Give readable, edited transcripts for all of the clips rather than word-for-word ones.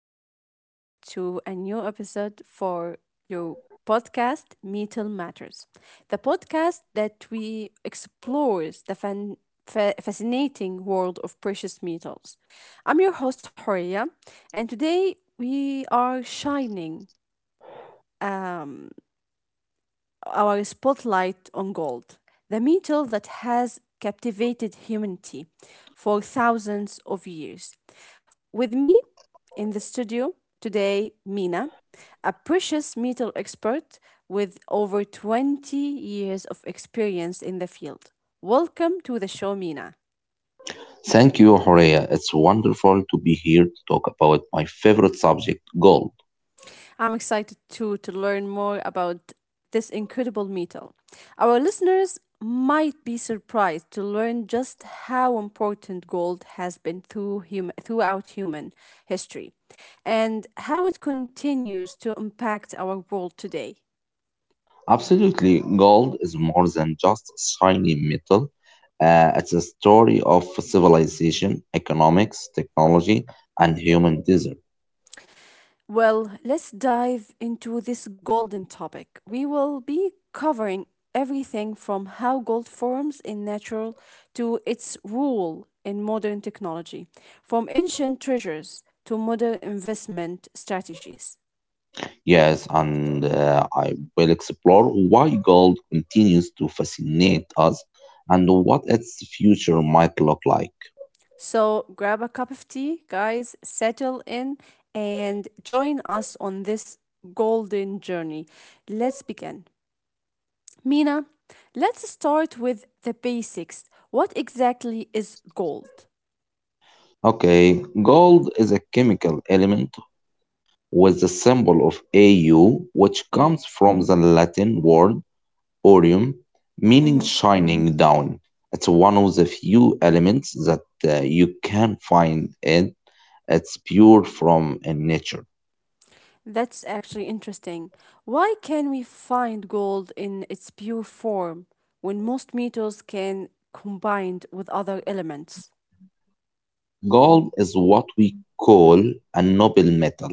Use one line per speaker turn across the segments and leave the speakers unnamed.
welcome back to a new episode for your podcast, Metal Matters, the podcast that we explores the fascinating world of precious metals. I'm your host, Horia, and today we are shining. Um, our spotlight on gold, the metal that has captivated humanity for thousands of years. With me in the studio today, Mina, a precious metal expert with over 20 years of experience in the field. Welcome to the show, Mina.
Thank you, Horea. It's wonderful to be here to talk about my favorite subject, gold.
I'm excited to learn more about this incredible metal. Our listeners might be surprised to learn just how important gold has been throughout human history and how it continues to impact our world today.
Absolutely, gold is more than just a shiny metal. It's a story of civilization, economics, technology, and human desire.
Well, let's dive into this golden topic. We will be covering everything from how gold forms in natural to its role in modern technology, from ancient treasures to modern investment strategies.
Yes, and I will explore why gold continues to fascinate us and what its future might look like.
So grab a cup of tea, guys, settle in, and join us on this golden journey. Let's begin. Mina, let's start with the basics. What exactly is gold?
Okay, gold is a chemical element with the symbol of AU, which
hmm
comes from the Latin word aureum, meaning
hmm
shining down. It's one of the few elements that you can find in it's pure from nature.
That's actually interesting. Why can we find gold in its pure form when most metals can combined with other elements?
Gold is what we call a noble metal,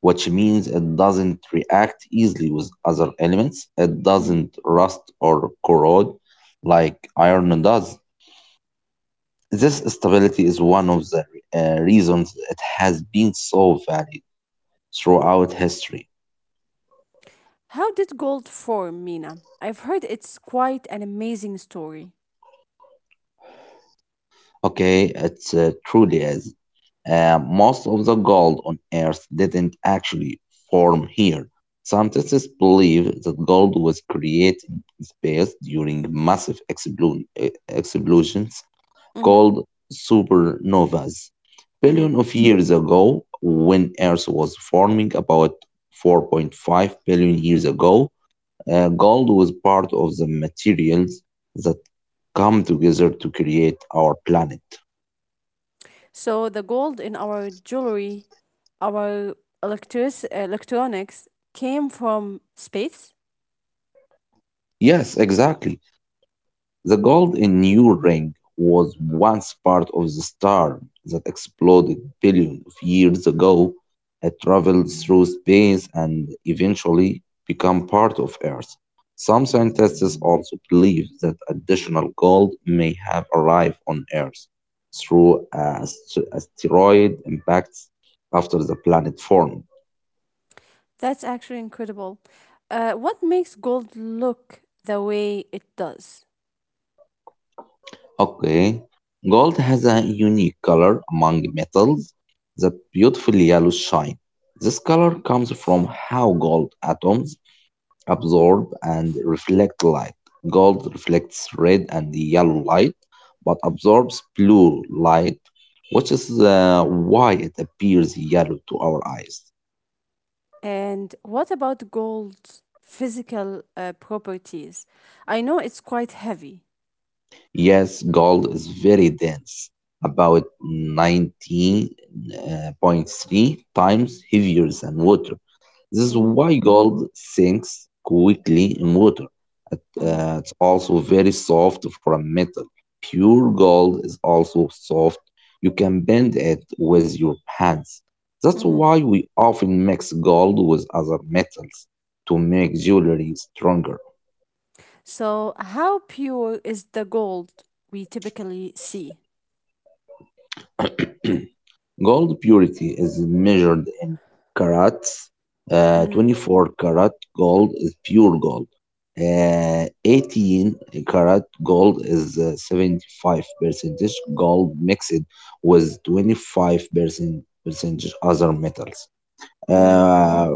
which means it doesn't react easily with other elements. It
hmm
doesn't rust or corrode like iron does. This stability is one of the reasons it has been so valued throughout history.
How did gold form, Mina? I've heard it's quite an amazing story.
Okay, it truly is. Most of the gold on Earth didn't actually form here. Scientists believe that gold was created in space during massive explosions
hmm
called supernovas.
hmm
Billion of years ago, when Earth was forming about 4.5 billion years ago, gold was part of the materials that come together to create our planet.
So the gold in our jewelry, our electronics came from space.
Yes, exactly. The gold in your ring was once part of the star that exploded billions of years ago. It traveled through space and eventually became part of Earth. Some scientists also believe that additional gold may have arrived on Earth through asteroid impacts after the planet formed.
That's actually incredible. What makes gold look the way it does?
Okay. Gold has a unique color among metals, that beautiful yellow shine. This color comes from how gold atoms absorb and reflect light. Gold reflects red and yellow light, but absorbs blue light, which is why it appears yellow to our eyes.
And what about gold's physical properties? I know it's quite heavy.
Yes, gold is very dense, about 19.3 times heavier than water. This is
Mhm.
why gold sinks quickly in water. It,
mhm,
uh, it's also very soft for a metal. Pure gold is also soft. You can bend it with your hands. That's
mhm.
why we often mix gold with other metals to make jewelry stronger.
So, how pure is the gold we typically see?
Gold purity is measured in carats.
Mm-hmm,
24 karat gold is pure gold. 18 karat gold is 75 percentage gold mixed with 25% percentage other metals.
mm-hmm.
uh,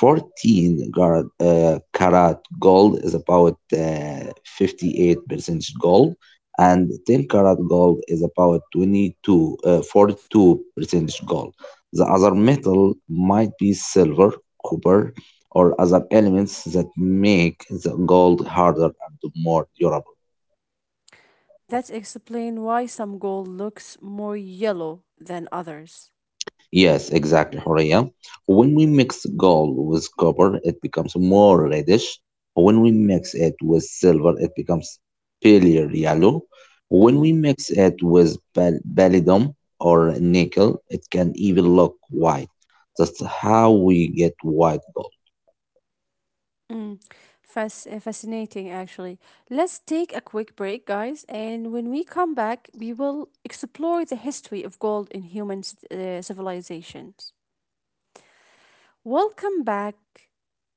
14 karat gold is about 58% gold, and 10 karat gold is about 22 uh, 42% gold. The other metal might be silver, copper, or other elements that make the gold harder and more durable.
That explains why some gold looks more yellow than others.
Yes, exactly, Horia. When we mix gold with copper, it becomes more reddish. When we mix it with silver, it becomes paler yellow. When
Mm-hmm.
we mix it with palladium or nickel, it can even look white. That's how we get white gold.
Mm. Fascinating, actually. Let's take a quick break, guys, and when we come back, we will explore the history of gold in human civilizations. Welcome back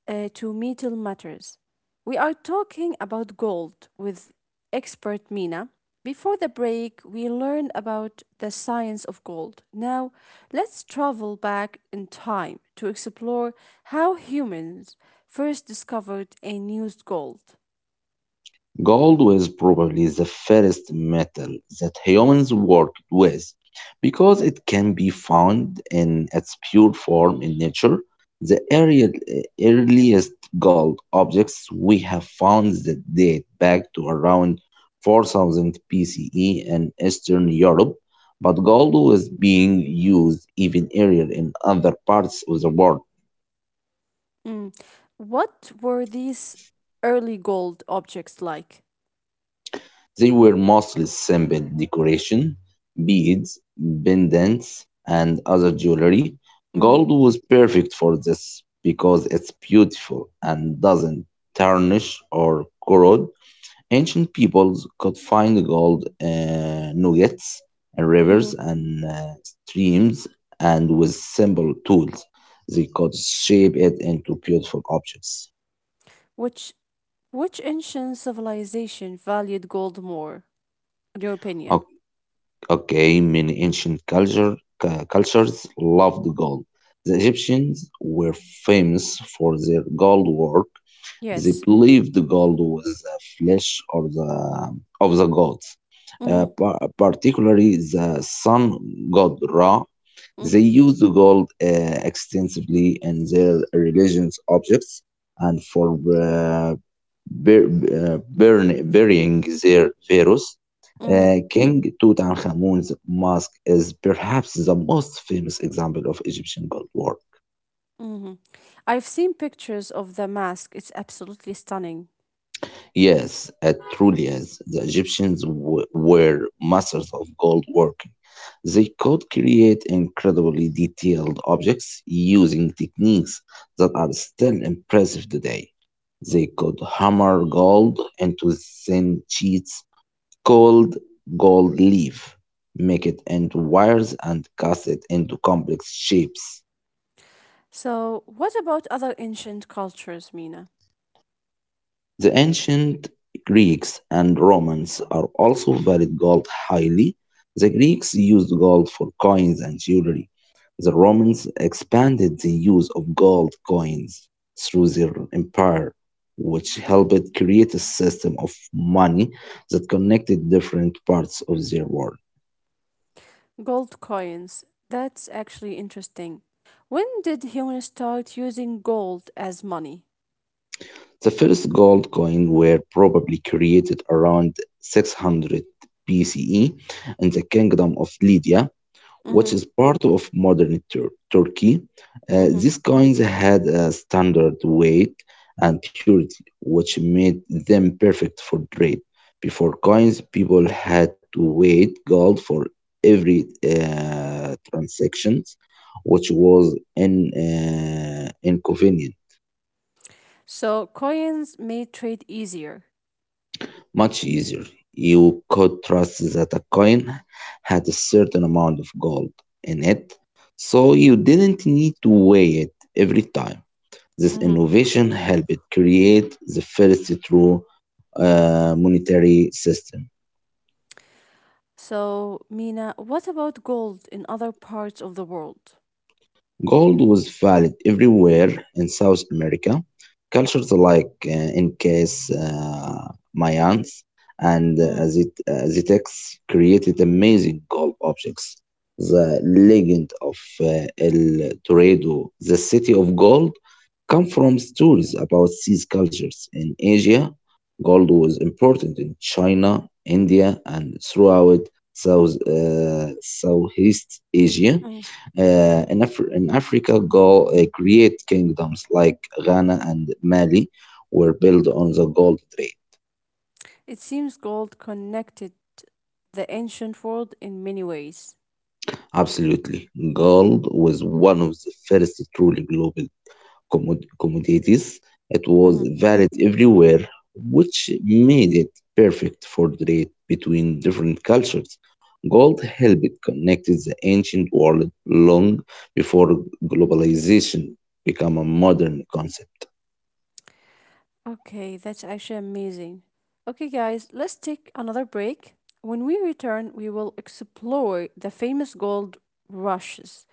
to Metal Matters. We are talking about gold with expert Mina. Before the break, we learned about the science of gold. Now, let's travel back in time to explore how humans first discovered and used gold.
Gold was probably the first metal that humans worked with because it can be found in its pure form in nature. The earliest gold objects we have found that date back to around 4000 BCE in Eastern Europe, but gold was being used even earlier in other parts of the world.
Mm. What were these early gold objects like?
They were mostly simple decoration: beads, pendants, and other jewelry.
Mhm.
Gold was perfect for this because it's beautiful and doesn't tarnish or corrode. Ancient peoples could find gold nuggets in rivers
mhm.
and streams, and with simple tools, they could shape it into beautiful objects.
Which which ancient civilization valued gold more? Your opinion.
Okay, many cultures loved gold. The Egyptians were famous for their gold work. They
Yes.
believed gold was the flesh or of the gods,
Mm-hmm.
particularly the sun god Ra. They
Mm-hmm.
used gold extensively in their religious objects and for burying their pharaohs.
Mm-hmm.
King Tutankhamun's mask is perhaps the most famous example of Egyptian gold work.
Mm-hmm. I've seen pictures of the mask. It's absolutely stunning.
Yes, it truly is. The Egyptians were masters of gold working. They could create incredibly detailed objects using techniques that are still impressive today. They could hammer gold into thin sheets, cold gold leaf, make it into wires, and cast it into complex shapes.
So, what about other ancient cultures, Mina?
The ancient Greeks and Romans are also valued gold highly. The Greeks used gold for coins and jewelry. The Romans expanded the use of gold coins through their empire, which helped create a system of money that connected different parts of their world.
Gold coins. That's actually interesting. When did humans start using gold as money?
The first gold coins were probably created around 600 BCE in the Kingdom of Lydia,
Mm-hmm.
which is part of modern Turkey.
Mm-hmm.
These coins had a standard weight and purity, which made them perfect for trade. Before coins, people had to weigh gold for every transaction, which was inconvenient.
So, coins made trade easier.
Much easier. You could trust that a coin had a certain amount of gold in it, so you didn't need to weigh it every time. This
Mm-hmm.
innovation helped create the first true monetary system.
So, Mina, what about gold in other parts of the world?
Gold was valued everywhere in South America. Cultures like Incas, Mayans, and
Mm-hmm.
Aztecs created amazing gold objects. The legend of El Dorado, the city of gold, come from stories about these cultures. In Asia, gold was important in China, India, and throughout Southeast Asia. In Africa, go create kingdoms like Ghana and Mali were built on the gold trade.
It seems gold connected the ancient world in many ways.
Absolutely. Gold was one of the first truly global commodities. It was
Mhm.
valid everywhere, which made it perfect for trade between different cultures. Gold helped connect the ancient world long before globalization became a modern concept.
Okay, that's actually amazing. Okay, guys, let's take another break. When we return, we will explore the famous gold rushes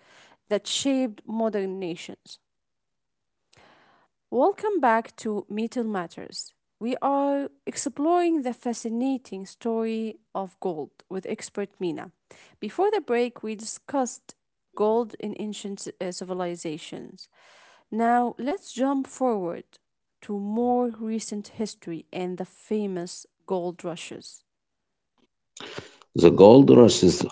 that shaped modern nations. Welcome back to Metal Matters. We are exploring the fascinating story of gold with expert Mina. Before the break, we discussed gold in ancient civilizations. Now, let's jump forward to more recent history and the famous gold rushes.
The gold rushes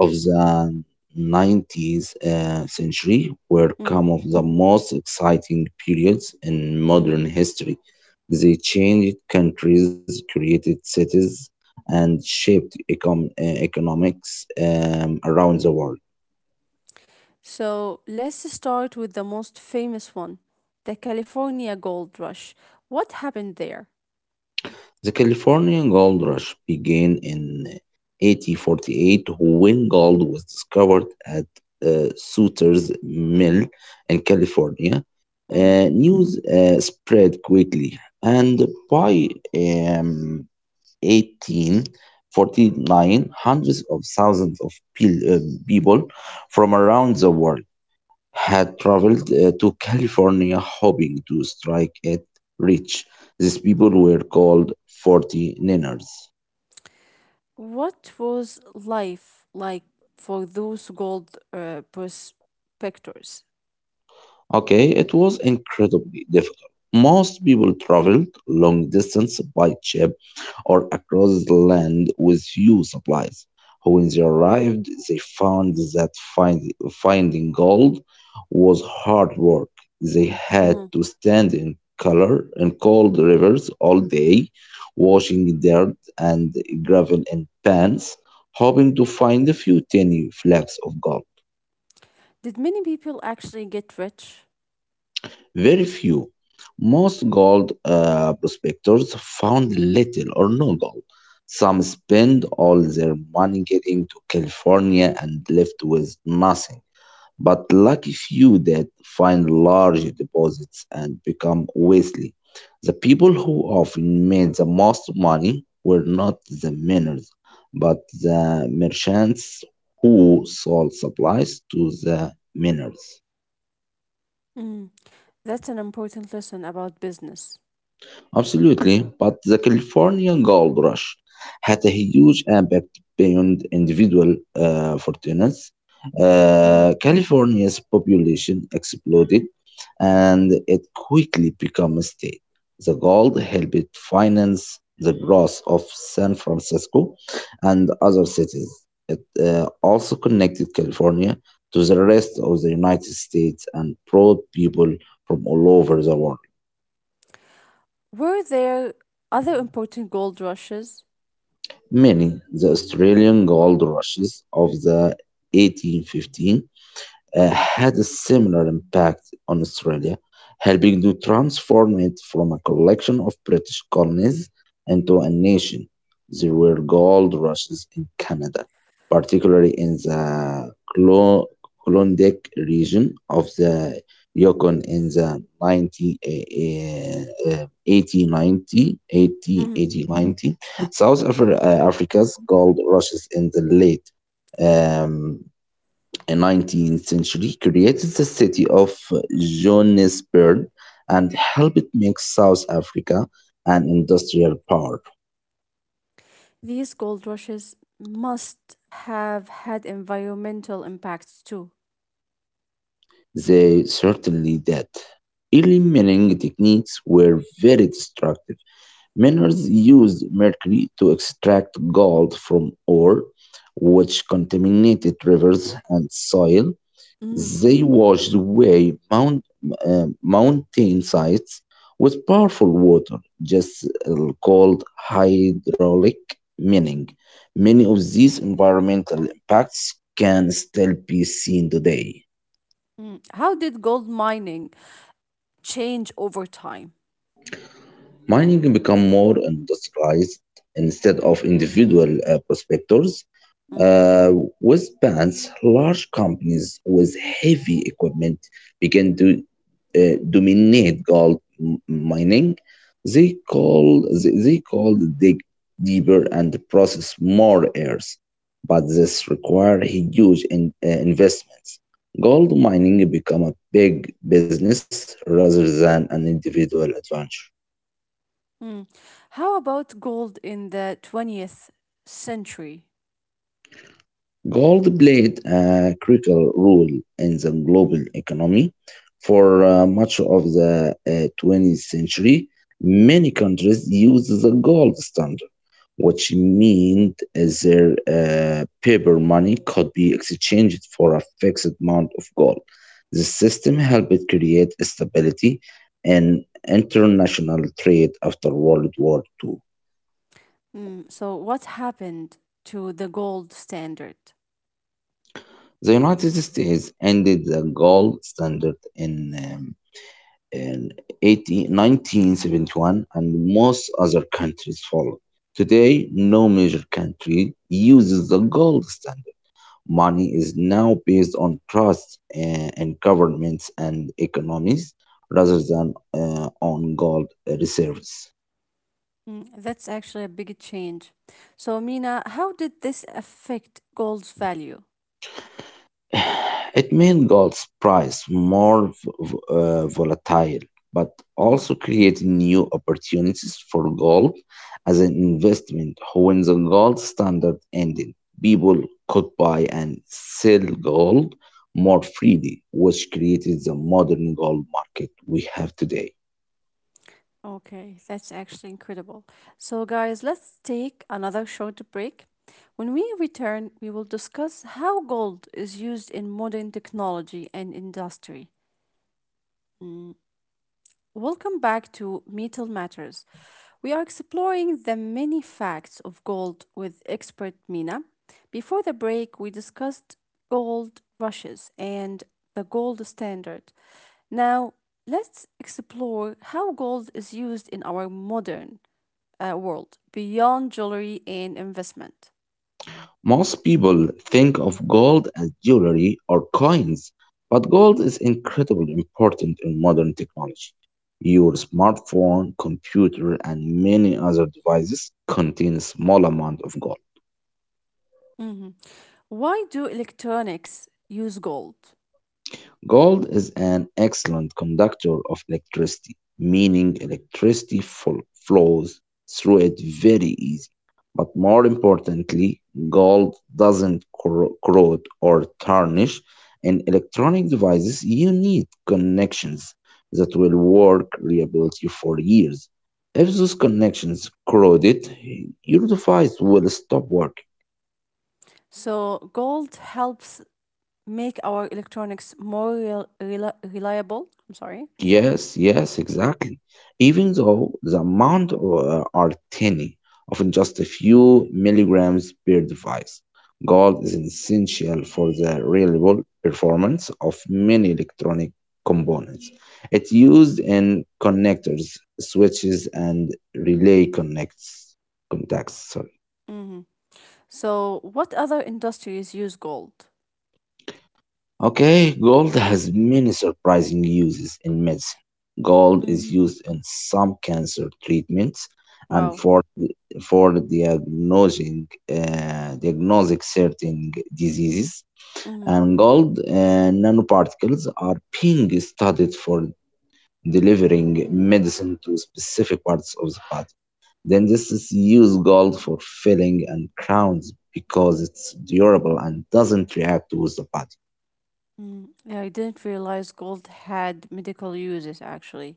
of the 19th century were
Mm,
some of the most exciting periods in
mhm.
modern history. They changed countries, created cities, and shaped economics around the world.
So, let's start with the most famous one, the California Gold Rush. What happened there?
The California Gold Rush began in 1848 when gold was discovered at Sutter's Mill in California. News spread quickly, and by um, 1849, hundreds of thousands of people from around the world had traveled to California hoping to strike it rich. These people were called 40 Niners.
What was life like for those gold prospectors?
Okay, it was incredibly difficult. Most people traveled long distance by ship or across the land with few supplies. When they arrived, they found that finding gold was hard work. They had
Mhm.
to stand in cold rivers all day, washing dirt and gravel in pans, hoping to find a few tiny flakes of gold.
Did many people actually get rich?
Very few. Most gold prospectors found little or no gold. Some spend all their money getting to California and left with nothing. But lucky few that find large deposits and become wealthy. The people who often made the most money were not the miners, but the merchants who sold supplies to the miners.
Mm. That's an important lesson about business.
Absolutely, but the California gold rush had a huge impact beyond individual fortunes.
Mhm.
California's population exploded, and it quickly became a state. The gold helped finance the growth of San Francisco and other cities. It also connected California to the rest of the United States and brought people from all over the world.
Were there other important gold rushes?
Many the Australian gold rushes of the 1815 had a similar impact on Australia, helping to transform it from a collection of British colonies into a nation. There were gold rushes in Canada, particularly in the Klondike region of the Yukon in the
Mhm.
1890. Africa's gold rushes in the late um, in 19th century created the city of Johannesburg and helped make South Africa an industrial power.
These gold rushes must have had environmental impacts too.
They certainly did. Early mining techniques were very destructive. Miners used mercury to extract gold from ore, which contaminated rivers and soil.
Mhm.
They washed away mountain sites with powerful water, just called hydraulic mining. Many of these environmental impacts can still be seen today.
Mm. How did gold mining change over time?
Mining become more industrialized instead of individual prospectors. Uh, with bands, large companies with heavy equipment began to dominate gold mining. They called dig deeper and process more ores, but this required huge investments. Gold mining became a big business rather than an individual adventure.
Mm. How about gold in the 20th century?
Gold played a critical role in the global economy for much of the 20th century. Many countries used the gold standard, which meant their paper money could be exchanged for a fixed amount of gold. The system helped create stability in international trade after World War II.
Mm. So, what happened to the gold standard?
The United States ended the gold standard in um, in 80, 1971, and most other countries followed. Today, no major country uses the gold standard. Money is now based on trust in governments and economies rather than on gold reserves.
Mm. That's actually a big change. So, Mina, how did this affect gold's value?
It made gold's price more volatile, but
Mhm.
also created new opportunities for gold as an investment. When the gold standard ended, people could buy and sell gold more freely, which created the modern gold market we have today.
Okay, that's actually incredible. So, guys, let's take another short break. When we return, we will discuss how gold is used in modern technology and industry. Mm. Welcome back to Metal Matters. We are exploring the many facts of gold with expert Mina. Before the break, we discussed gold rushes and the gold standard. Now, let's explore how gold is used in our modern world beyond jewelry and investment.
Most people think of gold as jewelry or coins, but gold is incredibly important in modern technology. Your smartphone, computer, and many other devices contain a small amount of gold.
Mhm. Why do electronics use gold?
Gold is an excellent conductor of electricity, meaning electricity flows through it very easy. But more importantly, gold doesn't corrode or tarnish. In electronic devices, you need connections that will work reliably for years. If those connections corroded, your device will stop working.
So, gold helps make our electronics more rel- rela reliable. I'm sorry.
Yes, yes, exactly. Even though the amount are tiny, often just a few milligrams per device, gold is essential for the reliable performance of many electronic components. It's used in connectors, switches, and relay connects contacts. Sorry.
hmm So, what other industries use gold?
Okay, gold has many surprising uses in medicine. Gold is
hmm
used in some cancer treatments and
Wow.
for diagnosing diagnosing certain diseases,
hmm
and gold nanoparticles are being studied for delivering medicine to specific parts of the body. Then this is use gold for filling and crowns because it's durable and doesn't react with the body.
hmm Yeah, I didn't realize gold had medical uses actually.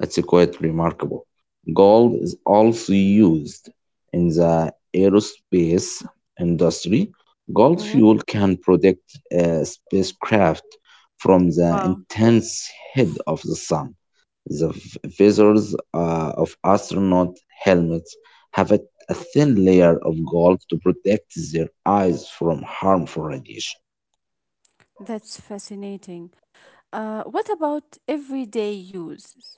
It's quite remarkable. Gold is also used in the aerospace industry. Gold
Hmm
fuel can protect a spacecraft from the
Wow,
intense heat of the sun. The visors of astronaut helmets have a thin layer of gold to protect their eyes from harmful radiation.
that's fascinating. What about everyday uses?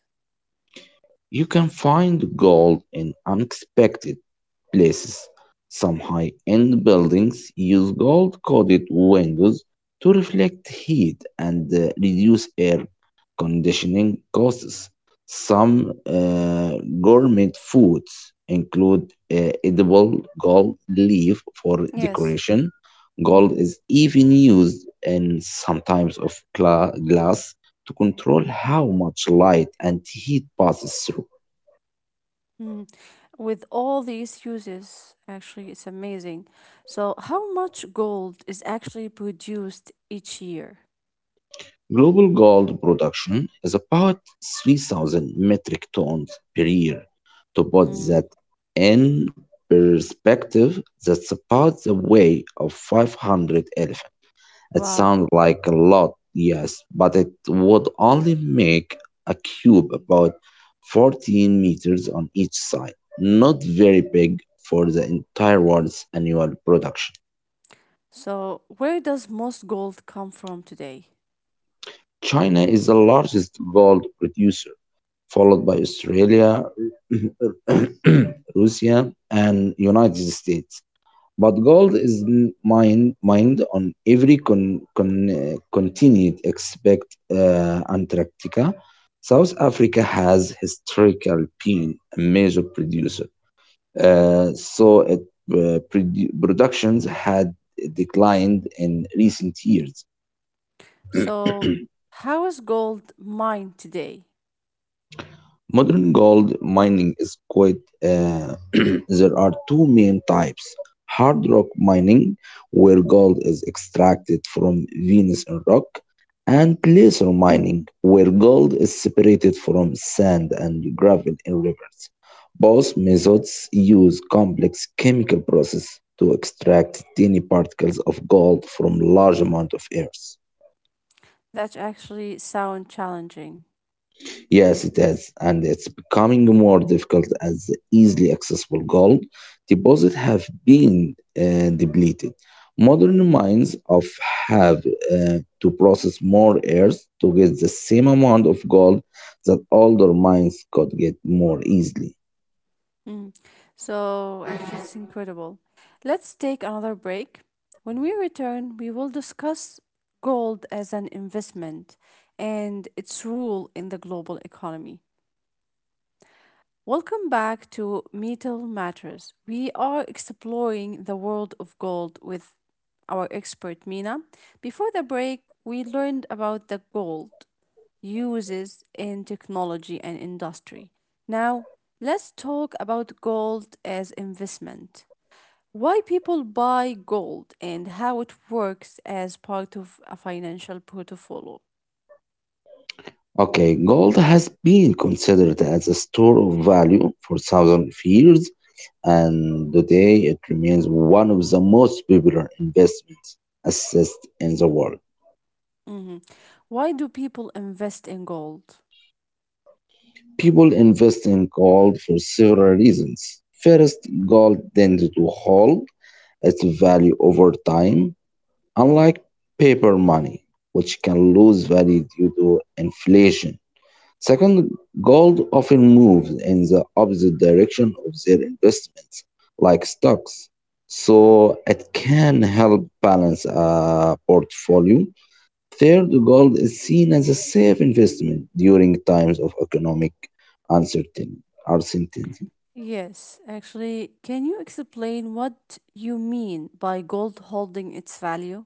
You can find gold in unexpected places. Some high end buildings use gold coated windows to reflect heat and reduce air conditioning costs. Some gourmet foods include edible gold leaf for
Yes.
decoration.
hmm
Gold is even used in some types of glass to control how much light and heat passes through.
hmm With all these uses, actually, it's amazing. So, how much gold is actually produced each year?
Global gold production is about 3,000 metric tons per year. To put that in perspective, that's about the weight of 500 elephants. It
Wow.
sounds like a lot, yes, but it would only make a cube about 14 meters on each side. Not very big for the entire world's annual production.
So, where does most gold come from today?
China is the largest gold producer followed by Australia, Russia, and United States. But gold is mined on every continent except Antarctica. South Africa has historically been a major producer, so it, productions had declined in recent years.
So, how is gold mined today?
Modern gold mining is quite. There are two main types: hard rock mining, where gold is extracted from Venus and rock, and placer mining, where gold is separated from sand and gravel in rivers. Both methods use complex chemical processes to extract tiny particles of gold from large amount of earth.
That actually sound challenging.
Yes, it is, and it's becoming more difficult as easily accessible gold deposits have been depleted. Modern mines of have to process more earth to get the same amount of gold that older mines could get more easily.
Mm. So, actually, it's incredible. Let's take another break. When we return, we will discuss gold as an investment and its role in the global economy. Welcome back to Metal Matters. We are exploring the world of gold with our expert Mina. Before the break, we learned about the gold uses in technology and industry. Now, let's talk about gold as investment. Why people buy gold and how it works as part of a financial portfolio.
Okay, gold has been considered as a store of value for thousands of years, and today it remains one of the most popular investments assets in the world.
Mhm. Why do people invest in gold?
People invest in gold for several reasons. First, gold tends to hold its value over time, unlike paper money, which can lose value due to inflation. Second, gold often moves in the opposite direction of their investments, like stocks, so it can help balance a portfolio. Third, gold is seen as a safe investment during times of economic uncertainty.
Yes, actually, can you explain what you mean by gold holding its value?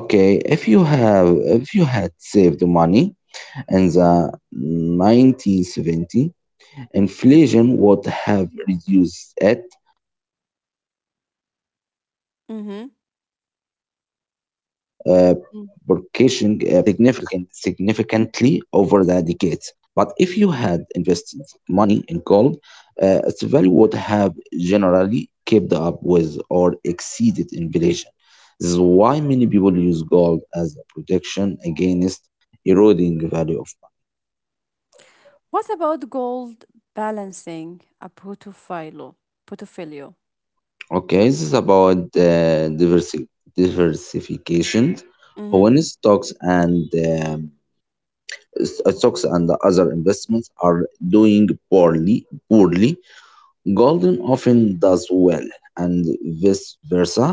Okay, if you have if you had saved money in the 1970s,
Mm-hmm.
inflation would have reduced it uh, purchasing power
Mm-hmm.
significantly over the decades. But if you had invested money in gold, its value would have generally kept up with or exceeded inflation. This is why many people use gold as a protection against eroding value of
What about gold balancing a portfolio? Portfolio,
money. Okay,
sorry.
this is about diversification.
Mm-hmm.
When stocks and stocks and other investments are doing poorly, golden often does well and vice versa.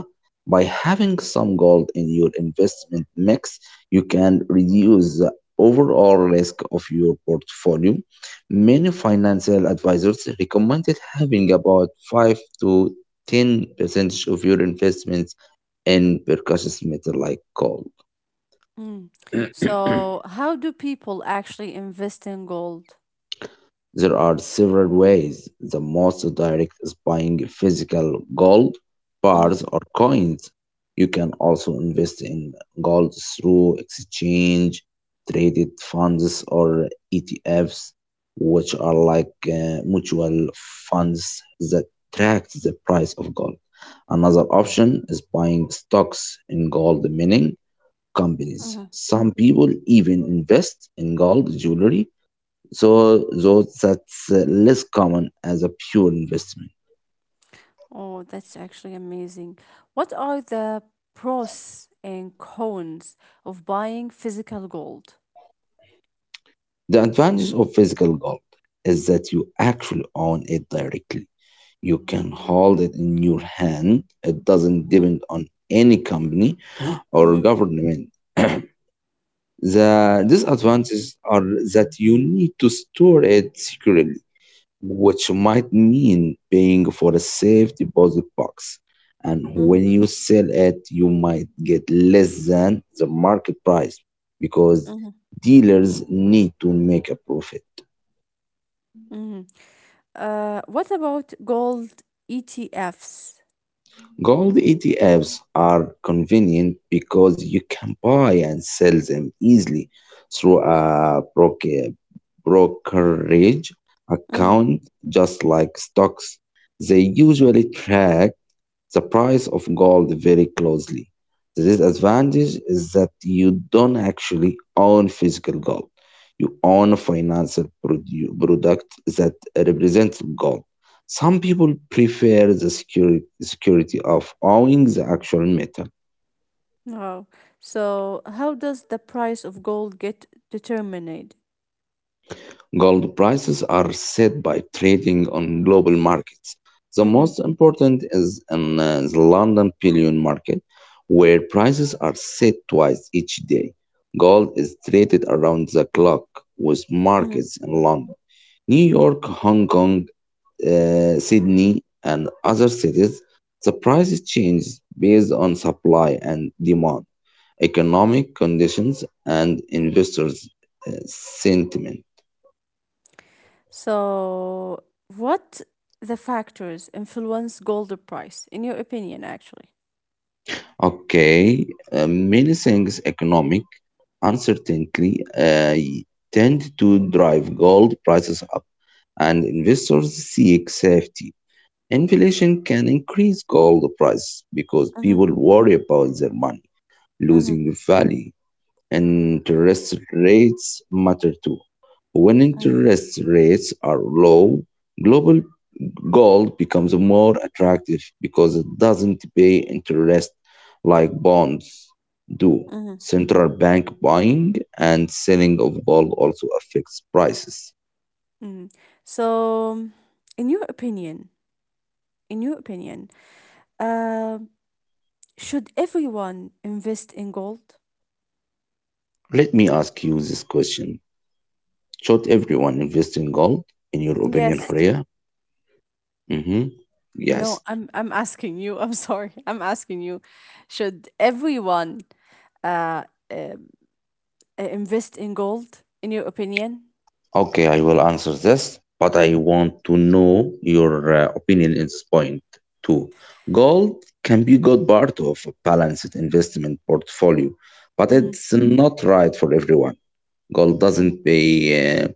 By having some gold in your investment mix, you can reduce the overall risk of your portfolio. Many financial advisors recommended having about 5 to 10% of your investments in precious metal like gold.
Mm. So, how do people actually invest in gold?
There are several ways. The most direct is buying physical gold
Mm-hmm.
bars or coins. You can also invest in gold through exchange, traded funds, or ETFs, which are like mutual funds that track the price of gold. Another option is buying stocks in gold mining companies.
Mm-hmm.
Some people even invest in gold jewelry so though that's less common as a pure investment.
Oh, that's actually amazing. What are the pros and cons of buying physical gold?
The advantage of physical gold is that you actually own it directly. You can hold it in your hand. It doesn't
Mm-hmm.
depend on any company or
Mm-hmm.
government. The disadvantages are that you need to store it securely, which might mean paying for a safe deposit box. And
Mm-hmm.
when you sell it, you might get less than the market price because dealers need to make a profit.
Mm-hmm. What about gold ETFs?
Gold ETFs are convenient because you can buy and sell them easily through a brokerage
Mm.
account, just like stocks. They usually track the price of gold very closely. The disadvantage is that you don't actually own physical gold. You own a financial product that represents gold. Some people prefer the security of owning the actual metal.
Wow. So, how does the price of gold get determined?
Gold prices are set by trading on global markets. The
Mm-hmm.
most important is in the London bullion market, where prices are set twice each day. Gold is traded around the clock with
Mm-hmm.
markets in London, New York, Hong Kong, Sydney, and other cities. The prices change based on supply and demand, economic conditions, and investors' sentiment.
So, what the factors influence gold price, in your opinion, actually?
Okay, many things economic uncertainty tend to drive gold prices up, and investors seek safety. Inflation can increase gold price because people
Mm-hmm.
worry about their money
Mm-hmm.
losing value. Interest rates matter too. When
Mm-hmm.
interest rates are low, global gold becomes more attractive because it doesn't pay interest like bonds do.
Mm-hmm.
Central bank buying and selling of gold also affects prices.
Mm. So, in your opinion, in your opinion, uh should everyone invest in gold?
Let me ask you this question. Should everyone invest in gold, in your opinion,
Yes.
Horea? Mm-hmm.
No,
Yes.
I'm asking you. I'm sorry. I'm asking you. Should everyone uh, um, invest in gold in your opinion?
Okay, I will answer this, but I want to know your opinion in this point too. Gold can be good part of a balanced investment portfolio, but
Mm,
it's not right for everyone. Gold
mm,
doesn't pay uh,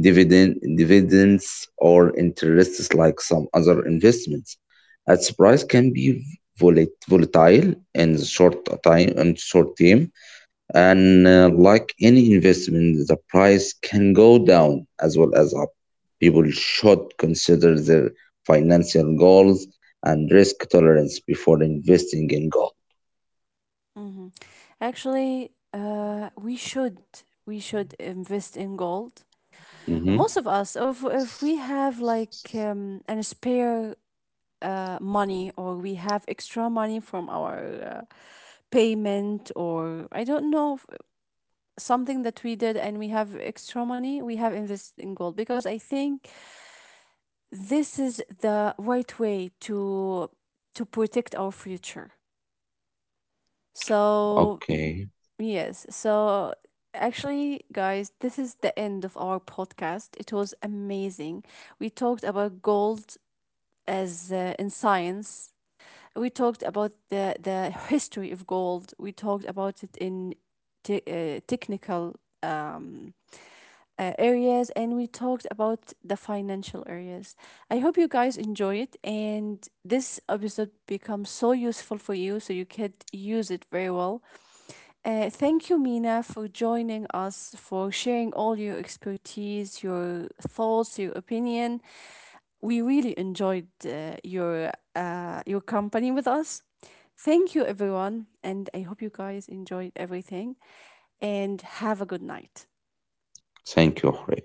dividends or interests like some other investments. Its price can be volatile in the short time and short term and like any investment, the price can go down as well as up. People should consider their financial goals and risk tolerance before investing in gold.
mm. Actually, we should invest in gold.
Mhm.
Most of us, if we have like an spare money, or we have extra money from our payment, or I don't know, something that we did and we have extra money, we have invested in gold because I think this is the right way to protect our future. So,
Okay.
yes. So, actually, guys, this is the end of our podcast. It was amazing. We talked about gold as in science. We talked about the history of gold. We talked about it in technical um areas, and we talked about the financial areas. I hope you guys enjoy it and this episode becomes so useful for you so you could use it very well. Thank you, Mina, for joining us, for sharing all your expertise, your thoughts, your opinion. We really enjoyed your your company with us. Thank you, everyone, and I hope you guys enjoyed everything and have a good night.
Thank you, Jorge.